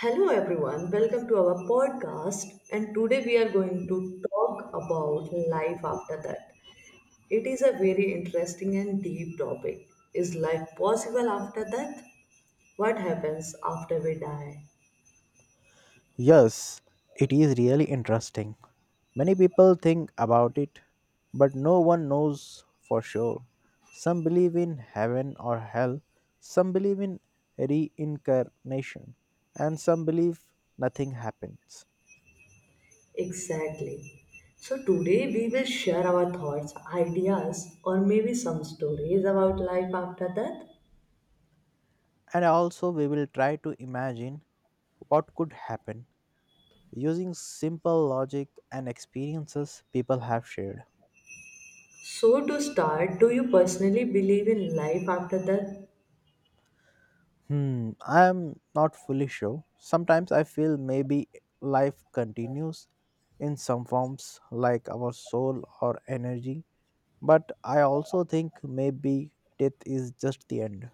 Hello everyone, welcome to our podcast. And today we are going to talk about life after that. It is a very interesting and deep topic. Is life possible after death? What happens after we die? Yes, it is really interesting. Many people think about it, but no one knows for sure. Some believe in heaven or hell, some believe in reincarnation, and some believe nothing happens. Exactly. So today we will share our thoughts, ideas, or maybe some stories about life after death. And also, we will try to imagine what could happen using simple logic and experiences people have shared. So to start, do you personally believe in life after death? I am not fully sure. Sometimes I feel maybe life continues in some forms like our soul or energy, but I also think maybe death is just the end.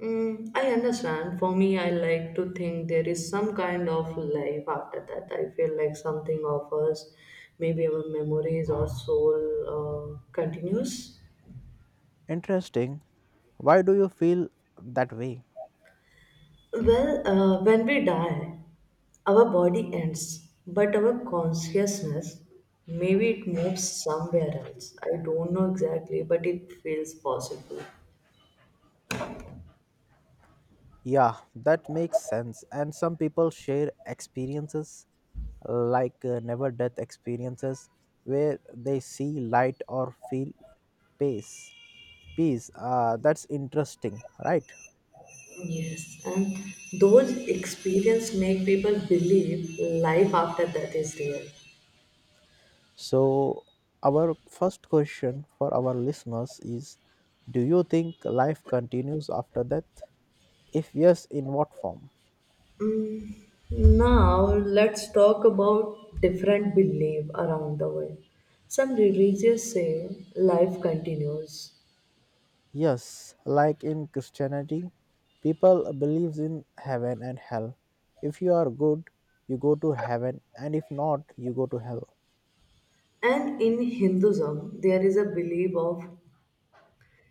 Mm, I understand. For me, I like to think there is some kind of life after that. I feel like something of us, maybe our memories or soul, continues. Interesting. Why do you feel that way? Well, when we die, our body ends, but our consciousness, maybe it moves somewhere else. I don't know exactly, but it feels possible. Yeah, that makes sense. And some people share experiences like never death experiences where they see light or feel peace. Peace. That's interesting, right? Yes, and those experience make people believe life after that is real. So, our first question for our listeners is: Do you think life continues after death? If yes, in what form? Now, let's talk about different belief around the world. Some religious say life continues. Yes, like in Christianity, people believes in heaven and hell. If you are good, you go to heaven, and if not, you go to hell. And in Hinduism, there is a belief of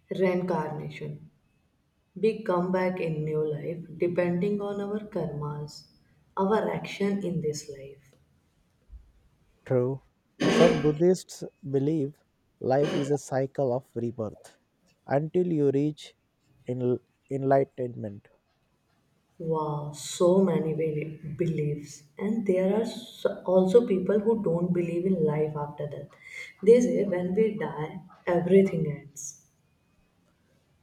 reincarnation. We come back in new life depending on our karmas, our action in this life. True. Some Buddhists believe life is a cycle of rebirth until you reach enl- enlightenment. Wow, so many beliefs. And there are also people who don't believe in life after death. They say when we die, everything ends.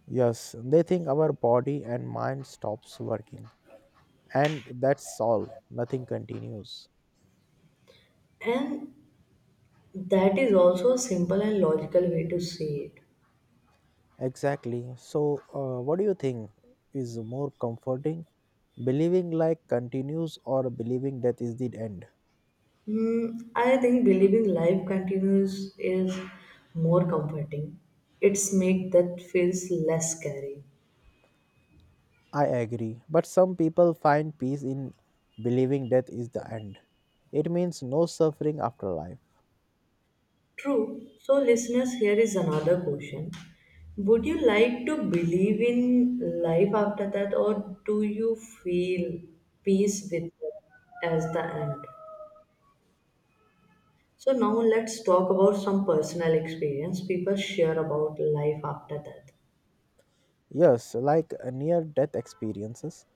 Yes, they think our body and mind stops working, and that's all. Nothing continues. And that is also a simple and logical way to see it. Exactly. So, what do you think is more comforting? Believing life continues or believing death is the end? Hmm, I think believing life continues is more comforting. It's make that feels less scary. I agree. But some people find peace in believing death is the end. It means no suffering after life. True. So listeners, here is another question. Would you like to believe in life after that, or do you feel peace with it as the end? So now let's talk about some personal experience people share about life after death. Yes, like near death experiences,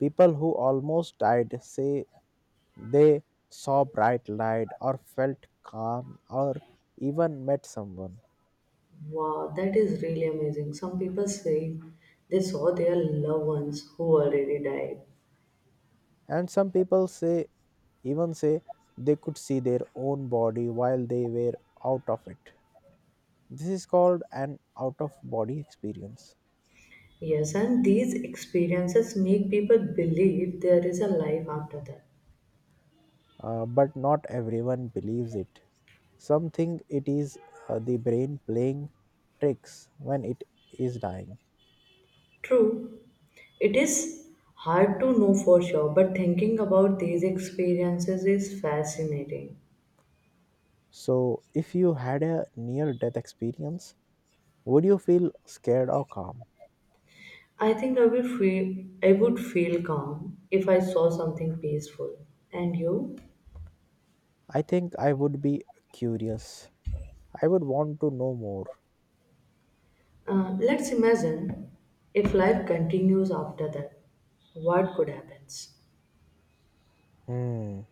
people who almost died say they saw bright light or felt calm or even met someone. Wow, that is really amazing. Some people say they saw their loved ones who already died. And some people say even say they could see their own body while they were out of it. This is called an out of body experience. Yes, and these experiences make people believe there is a life after that. But not everyone believes it. Some think it is the brain playing tricks when it is dying. True, it is hard to know for sure, but thinking about these experiences is fascinating. So, if you had a near death experience, would you feel scared or calm? I think I would feel calm if I saw something peaceful. And you? I think I would be curious. I would want to know more. Let's imagine, if life continues after that, what could happen? Hmm.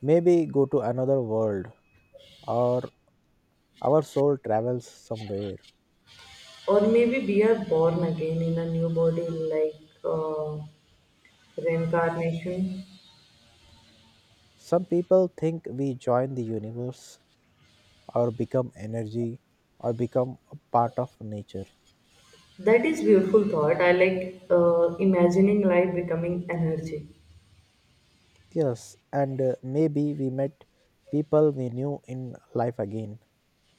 Maybe go to another world or our soul travels somewhere. Or maybe we are born again in a new body, like reincarnation. Some people think we join the universe or become energy or become a part of nature. That is beautiful thought. I like imagining life becoming energy, Yes, and maybe we met people we knew in life again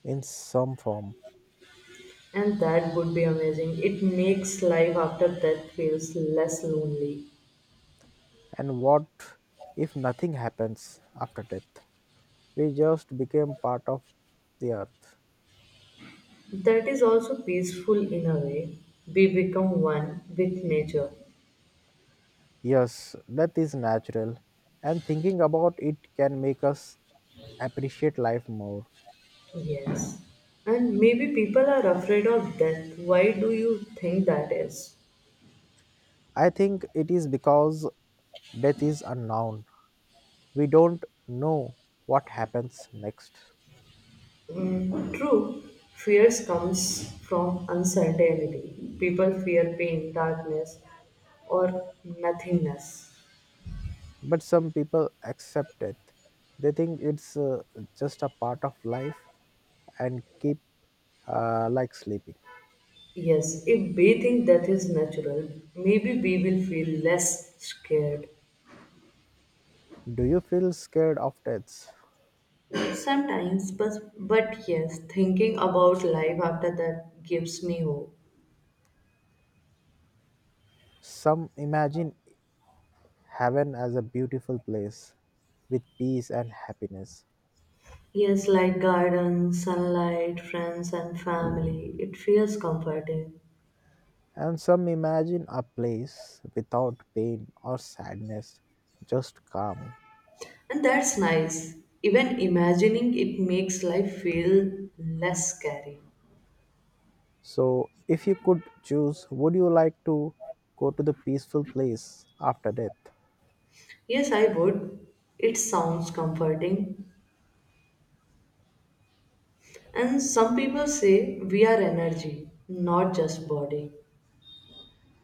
in some form. and that would be amazing. It makes life after death feels less lonely. And what if nothing happens after death? We just became part of the earth. That is also peaceful in a way. We become one with nature. Yes, death is natural, and thinking about it can make us appreciate life more. Yes. And maybe people are afraid of death. Why do you think that is? I think it is because death is unknown. We don't know what happens next. True, fears comes from uncertainty. People fear pain, darkness, or nothingness. But some people accept death. They think it's just a part of life and keep like sleeping. Yes, if we think death is natural, maybe we will feel less scared. Do you feel scared of deaths? Sometimes, but yes, thinking about life after that gives me hope. Some imagine heaven as a beautiful place with peace and happiness. Yes, like garden, sunlight, friends, and family. It feels comforting. And some imagine a place without pain or sadness, just calm. And that's nice. Even imagining it makes life feel less scary. So, if you could choose, would you like to go to the peaceful place after death? Yes, I would. It sounds comforting. And some people say we are energy, not just body.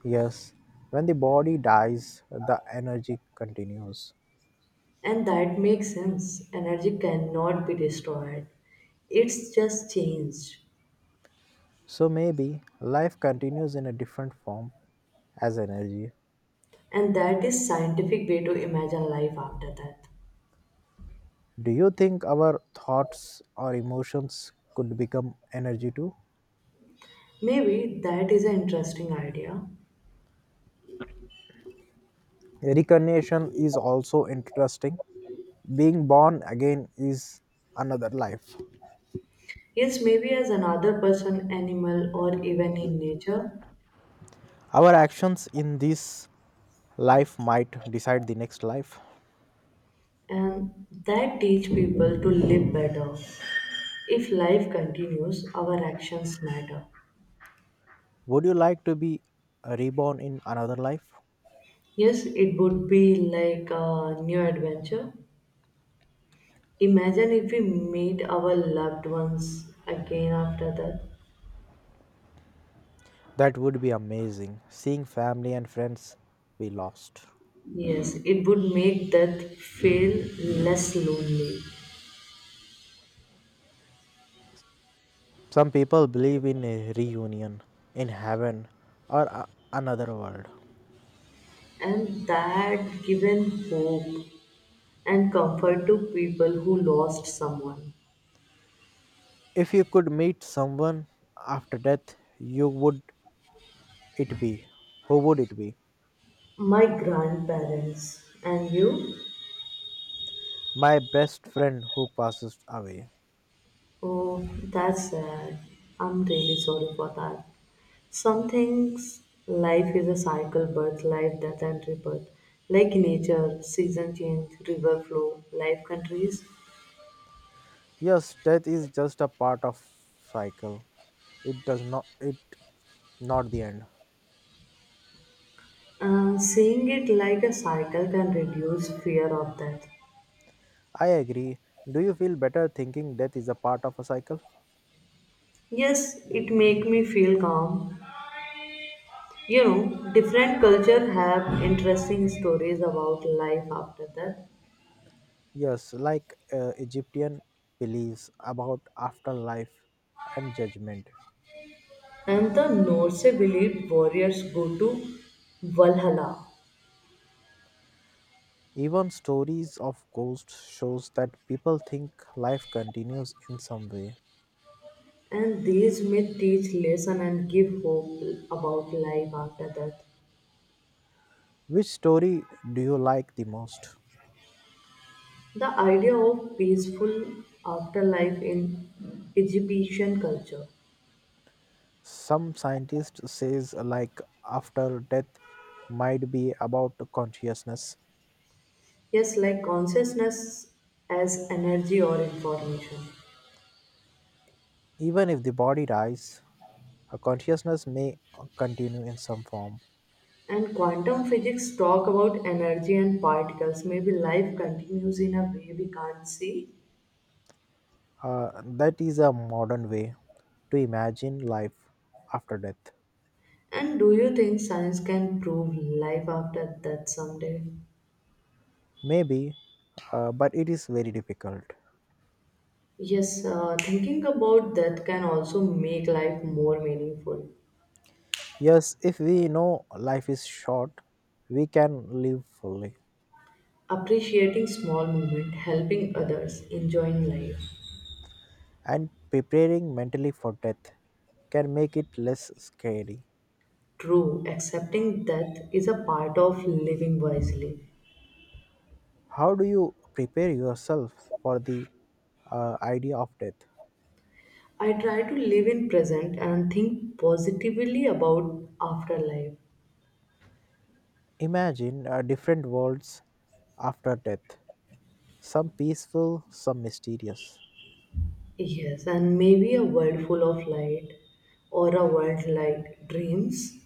Yes, when the body dies, the energy continues. And that makes sense. Energy cannot be destroyed, it's just changed. So, maybe life continues in a different form as energy. And that is scientific way to imagine life after death. Do you think our thoughts or emotions could become energy too? Maybe that is an interesting idea. Reincarnation is also interesting. Being born again is another life. Yes, maybe as another person, animal, or even in nature, Our actions in this life might decide the next life. and that teach people to live better. If life continues, our actions matter. Would you like to be reborn in another life? Yes, it would be like a new adventure. Imagine if we meet our loved ones again after death. That would be amazing, seeing family and friends we lost. Yes, it would make death feel less lonely, Some people believe in a reunion in heaven or another world. and that given hope and comfort to people who lost someone. If you could meet someone after death, you would it be? Who would it be? My grandparents, and you? My best friend who passes away. Oh, that's sad. I'm really sorry for that. Some things life is a cycle, birth, life, death, and rebirth. Like nature, season change, river flow, life countries. Yes, death is just a part of cycle. It does not, it not the end. Seeing it like a cycle can reduce fear of death. I agree. Do you feel better thinking death is a part of a cycle? Yes, it make me feel calm. You know, different cultures have interesting stories about life after death. Yes, like Egyptian beliefs about afterlife and judgment. And the Norse believe warriors go to Valhalla. Even stories of ghosts shows that people think life continues in some way. And these myths teach lesson and give hope about life after death. Which story do you like the most? The idea of peaceful afterlife in Egyptian culture. Some scientist says like after death might be about consciousness. Yes, like consciousness as energy or information. Even if the body dies, a consciousness may continue in some form. And quantum physics talk about energy and particles. Maybe life continues in a way we can't see. That is a modern way to imagine life after death. And do you think science can prove life after death someday? Maybe, but it is very difficult. Yes, thinking about death can also make life more meaningful. Yes, if we know life is short, we can live fully. Appreciating small moments, helping others, enjoying life. And preparing mentally for death can make it less scary. True, accepting death is a part of living wisely. How do you prepare yourself for the idea of death? I try to live in present and think positively about afterlife. Imagine different worlds after death, some peaceful, some mysterious, Yes, and maybe a world full of light or a world like dreams,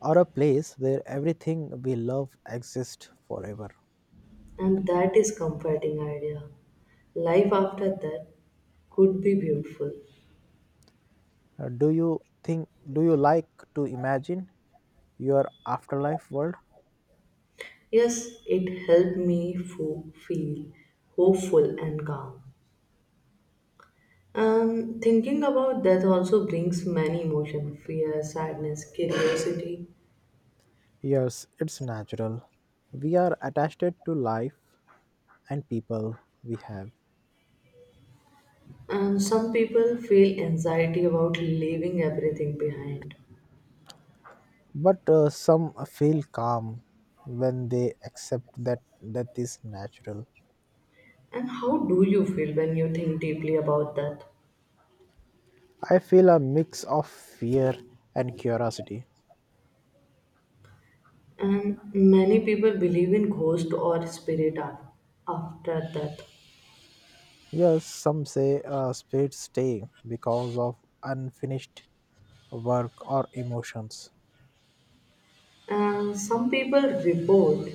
or a place where everything we love exists forever. and that is comforting idea. Life after that could be beautiful. Do you like to imagine your afterlife world? Yes, it helped me feel hopeful and calm. Thinking about death also brings many emotion, fear, sadness, curiosity, Yes, it's natural. We are attached to life and people we have. and some people feel anxiety about leaving everything behind. But some feel calm when they accept that death is natural. And how do you feel when you think deeply about that? I feel a mix of fear and curiosity. And many people believe in ghost or spirit after death. Yes, some say spirits stay because of unfinished work or emotions. And some people report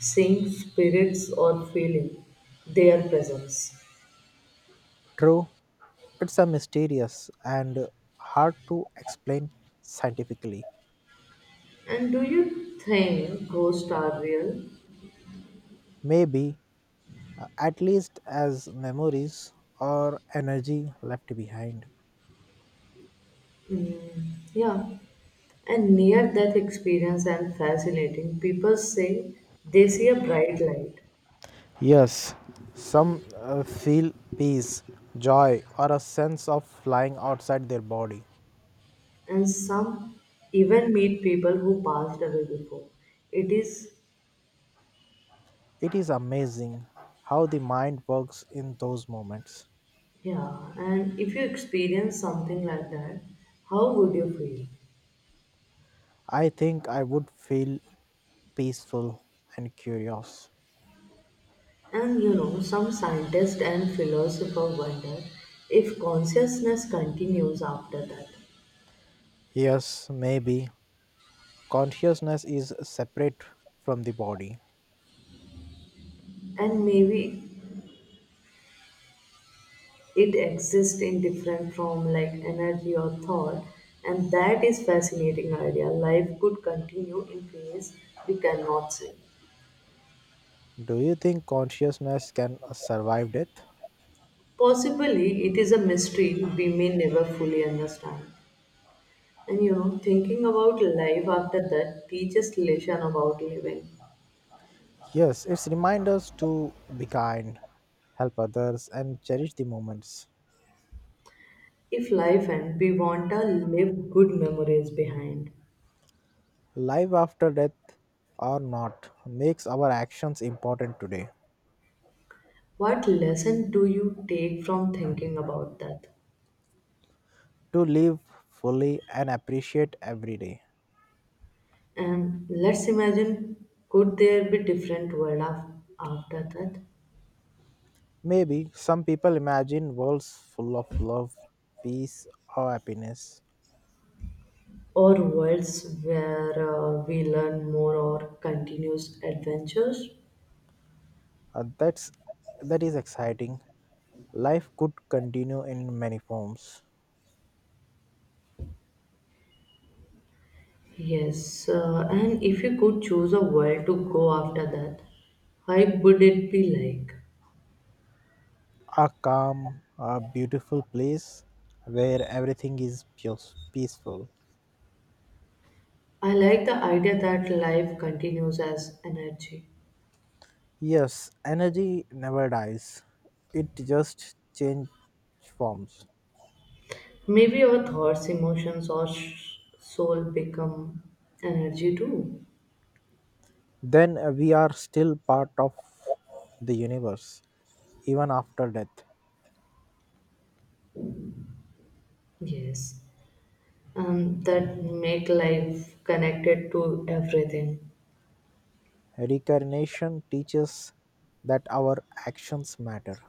seeing spirits or feeling their presence. True, it's a mysterious and hard to explain scientifically. And do you think ghosts are real? Maybe, at least as memories or energy left behind. Mm, yeah. And near death experience and fascinating. People say they see a bright light, Yes, some feel peace, joy, or a sense of flying outside their body. and some even meet people who passed away before. It is. It is amazing how the mind works in those moments. Yeah, and if you experience something like that, how would you feel? I think I would feel peaceful and curious. And you know, some scientists and philosophers wonder if consciousness continues after that. Yes, maybe consciousness is separate from the body. And maybe it exists in different form like energy or thought. And that is fascinating idea. Life could continue in ways we cannot see. Do you think consciousness can survive death? Possibly it is a mystery we may never fully understand. And you know, thinking about life after that teaches lesson about living. Yes, it's remind us to be kind, help others, and cherish the moments. If life ends, we want to leave good memories behind. Life after death or not makes our actions important today. What lesson do you take from thinking about that? To live fully and appreciate every day. And let's imagine, could there be different world after that? Maybe some people imagine worlds full of love, peace, or happiness. Or worlds where we learn more or continues adventures? Uh, that's that is exciting. Life could continue in many forms. Yes, and if you could choose a world to go after that, how would it be like? A calm, a beautiful place where everything is peaceful. I like the idea that life continues as energy. Yes, energy never dies. It just change forms. Maybe our thoughts, emotions, or soul become energy too. Then we are still part of the universe even after death. Yes, and that make life connected to everything. Reincarnation teaches that our actions matter.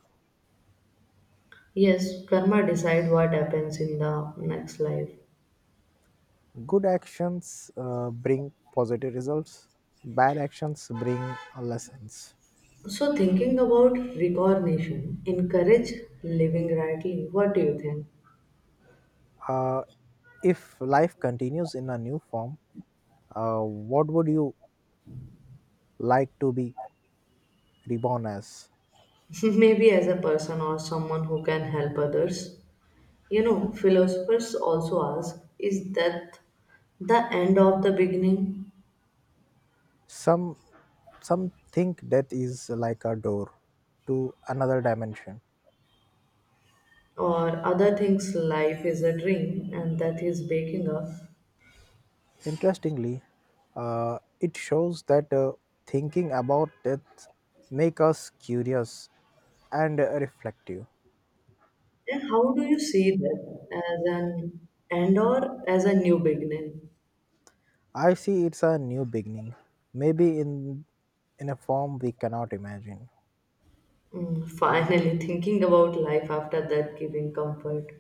Yes, karma decide what happens in the next life. Good actions bring positive results, bad actions bring lessons. So thinking about reincarnation encourage living rightly. What do you think? Uh, if life continues in a new form, what would you like to be reborn as? Maybe as a person or someone who can help others. You know, philosophers also ask, is death the end of the beginning? Some, some think death is like a door to another dimension. Or other things, life is a dream and death is waking up. Interestingly, it shows that thinking about death make us curious and reflective. And how do you see that, as an end or as a new beginning? I see it's a new beginning, maybe in a form we cannot imagine. Finally, thinking about life after that giving comfort.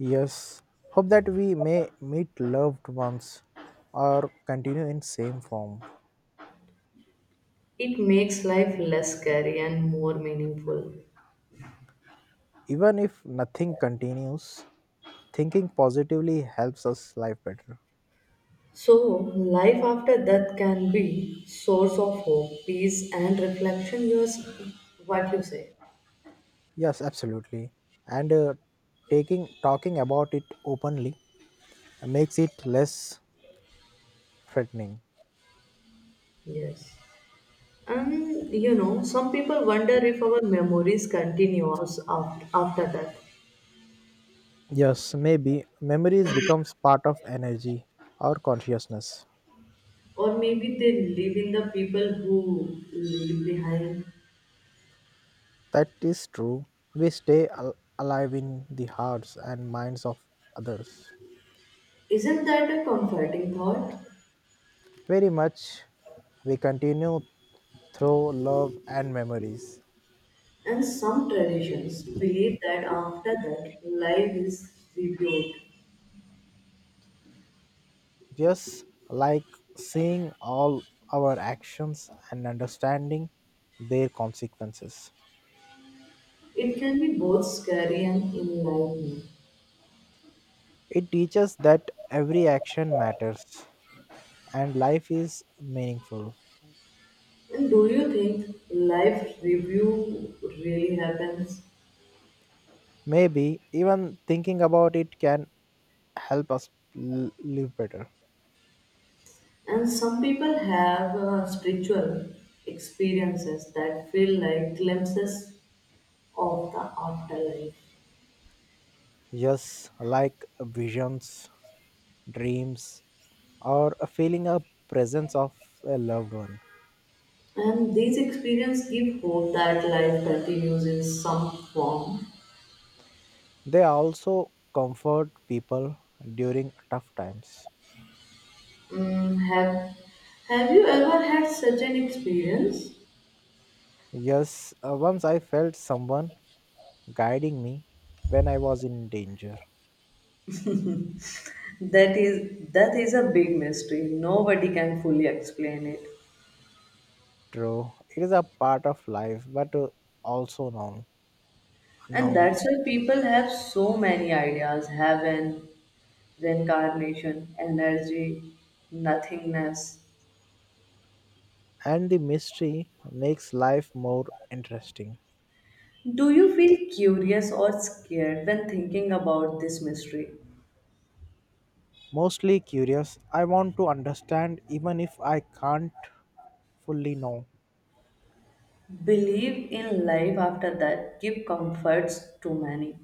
Yes, hope that we may meet loved ones or continue in same form. It makes life less scary and more meaningful. Even if nothing continues, thinking positively helps us live better. So, life after death can be source of hope, peace, and reflection. Yours, what you say? Yes, absolutely. And taking talking about it openly makes it less threatening. Yes. And you know, some people wonder if our memories continue us after that. Yes, maybe memories becomes part of energy or consciousness. Or maybe they live in the people who leave behind. That is true. We stay alive in the hearts and minds of others. Isn't that a comforting thought? Very much we continue through love and memories. And some traditions believe that after death, life is rebuilt. Just like seeing all our actions and understanding their consequences. It can be both scary and enlightening. It teaches that every action matters and life is meaningful. And do you think life review really happens? Maybe even thinking about it can help us live better. And some people have spiritual experiences that feel like glimpses of the afterlife. Yes, like visions, dreams, or feeling a presence of a loved one. And these experiences give hope that life continues in some form. They also comfort people during tough times. Mm, have you ever had such an experience? Yes, once I felt someone guiding me when I was in danger. That is a big mystery. Nobody can fully explain it. True, it is a part of life, but also known, And unknown. that's why people have so many ideas, heaven, reincarnation, energy, nothingness. And the mystery makes life more interesting. Do you feel curious or scared when thinking about this mystery? Mostly curious, I want to understand even if I can't fully know. Believe in life after that, give comforts to many.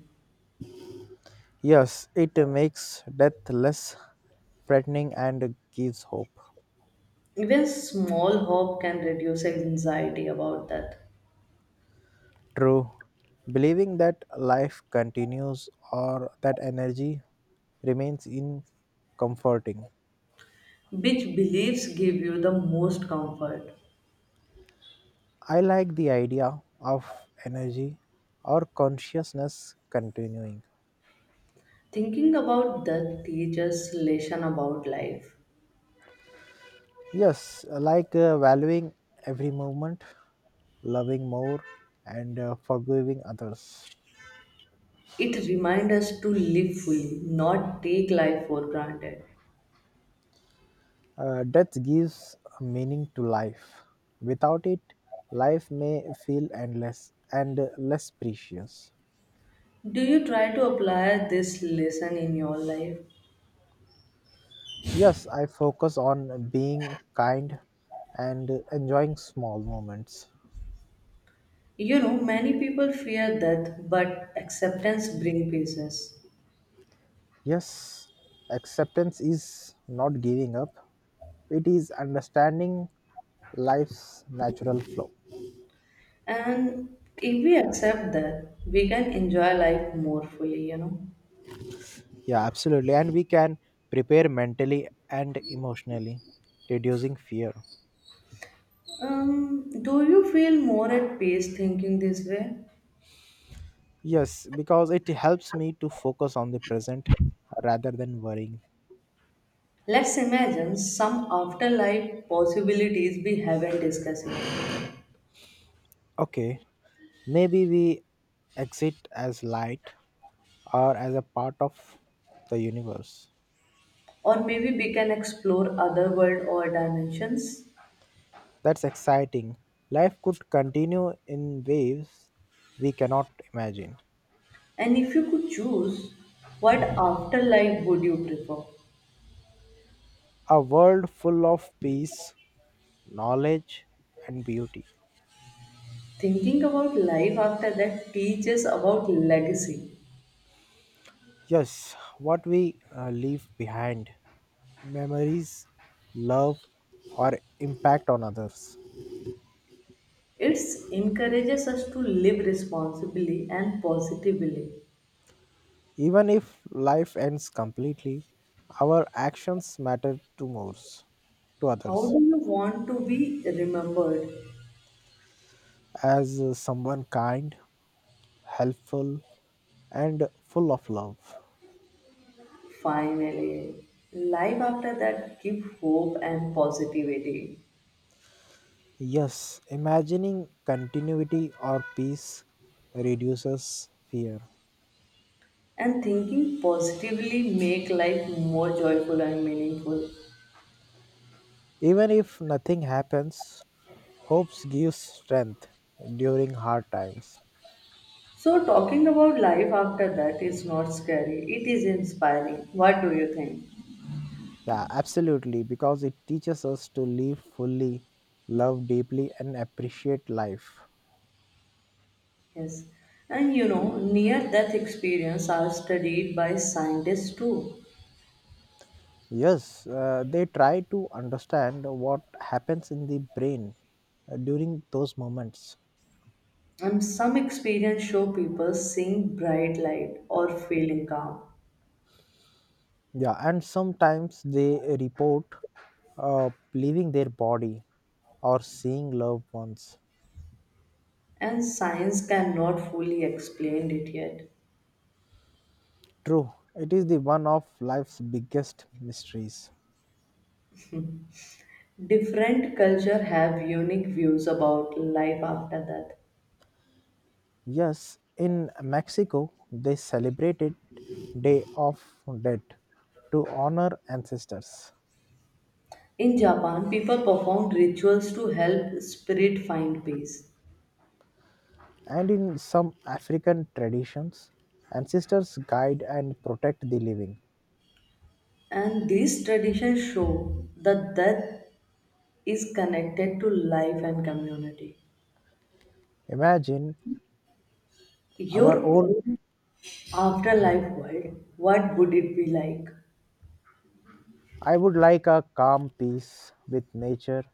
Yes, it makes death less threatening and gives hope. Even small hope can reduce anxiety about death. True. Believing that life continues or that energy remains in comforting. Which beliefs give you the most comfort? I like the idea of energy or consciousness continuing. Thinking about death teaches lesson about life. Yes, like valuing every moment, loving more, and forgiving others. It reminds us to live fully, not take life for granted. Death gives a meaning to life. Without it, life may feel endless and less precious. Do you try to apply this lesson in your life? Yes, I focus on being kind and enjoying small moments. You know, many people fear death, but acceptance brings peace. Yes, acceptance is not giving up, it is understanding life's natural flow. And if we accept that, we can enjoy life more fully. Yeah, absolutely. And we can prepare mentally and emotionally, reducing fear. Do you feel more at peace thinking this way? Yes, because it helps me to focus on the present rather than worrying. Let's imagine some afterlife possibilities we haven't discussed yet. Okay, maybe we exit as light or as a part of the universe. Or maybe we can explore other world or dimensions. That's exciting. Life could continue in waves we cannot imagine. And if you could choose, what afterlife would you prefer? A world full of peace, knowledge, and beauty. Thinking about life after that teaches about legacy. Yes, what we leave behind: memories, love, or impact on others. It encourages us to live responsibly and positively. Even if life ends completely, our actions matter to most to How do others you want to be remembered? as someone kind, helpful, and full of love. Finally, life after that give hope and positivity. Yes, imagining continuity or peace reduces fear. And thinking positively make life more joyful and meaningful. Even if nothing happens, hopes gives strength during hard times. So talking about life after that is not scary. It is inspiring. What do you think? Yeah, absolutely, because it teaches us to live fully, love deeply, and appreciate life. Yes. And you know, near death experience are studied by scientists too. Yes, they try to understand what happens in the brain during those moments. And some experience show people seeing bright light or feeling calm. Yeah, and sometimes they report leaving their body or seeing loved ones. And science cannot fully explain it yet. True, it is the one of life's biggest mysteries. Different culture have unique views about life after death. Yes, in Mexico, they celebrated Day of Dead to honor ancestors. In Japan, people perform rituals to help spirit find peace. And in some African traditions, ancestors guide and protect the living. And these traditions show that death is connected to life and community. Imagine Your our own. own afterlife world, what would it be like? I would like a calm peace with nature,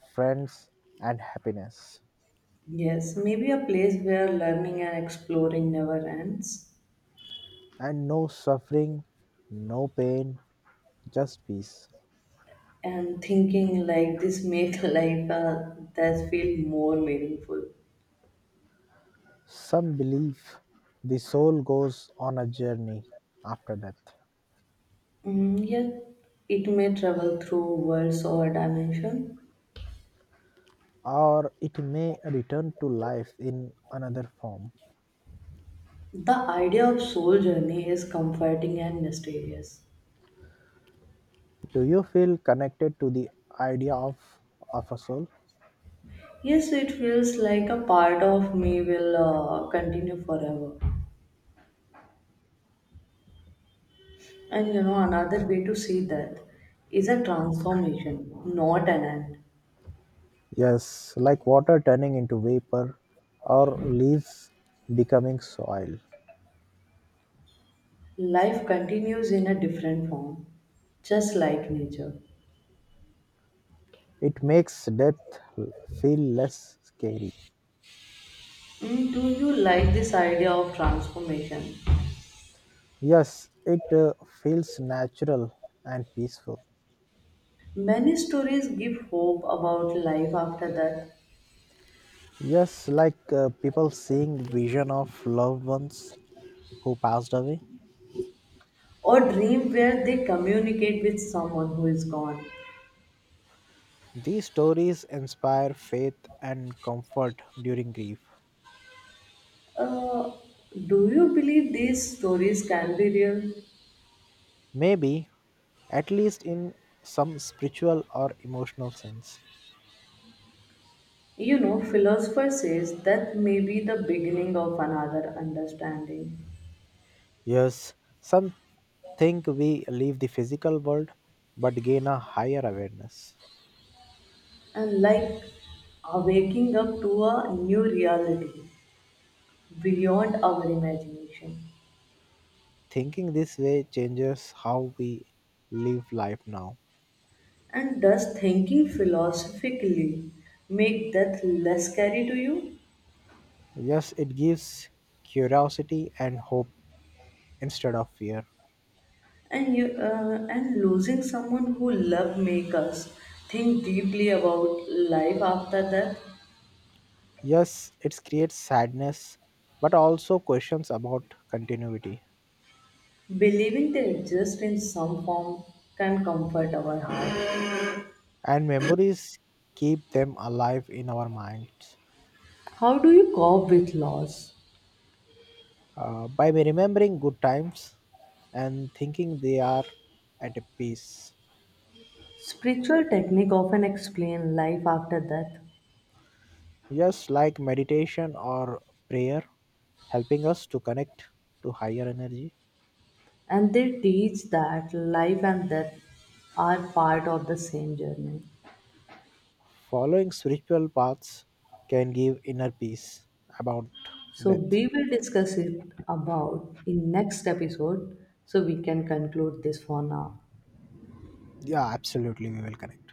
friends, and happiness. Yes, maybe a place where learning and exploring never ends, And no suffering, no pain, just peace. and thinking like this make life that feel more meaningful. Some believe the soul goes on a journey after death. Mm, yet it may travel through worlds or dimension. Or it may return to life in another form. The idea of soul journey is comforting and mysterious. Do you feel connected to the idea of a soul? Yes, it feels like a part of me will continue forever. And you know, another way to see death is a transformation, not an end. Yes, like water turning into vapor or leaves becoming soil. Life continues in a different form, just like nature. It makes death feel less scary. Mm, do you like this idea of transformation? Yes, it feels natural and peaceful. Many stories give hope about life after death, Yes, like people seeing vision of loved ones who passed away. or dream where they communicate with someone who is gone. These stories inspire faith and comfort during grief. Uh, do you believe these stories can be real? Maybe, at least in some spiritual or emotional sense. You know, philosopher says that may be the beginning of another understanding. Yes, some think we leave the physical world but gain a higher awareness. And like waking up to a new reality beyond our imagination. Thinking this way changes how we live life now. And does thinking philosophically make death less scary to you? Yes, it gives curiosity and hope instead of fear. And losing someone who love make us think deeply about life after death. Yes, it creates sadness but also questions about continuity. Believing they exist in some form can comfort our heart. And memories keep them alive in our minds. How do you cope with loss? By remembering good times and thinking they are at peace, Spiritual technique often explain life after death, just like meditation or prayer, helping us to connect to higher energy. and they teach that life and death are part of the same journey. Following spiritual paths can give inner peace about So death. we will discuss it about in next episode so we can conclude this for now. Yeah, absolutely, we will connect.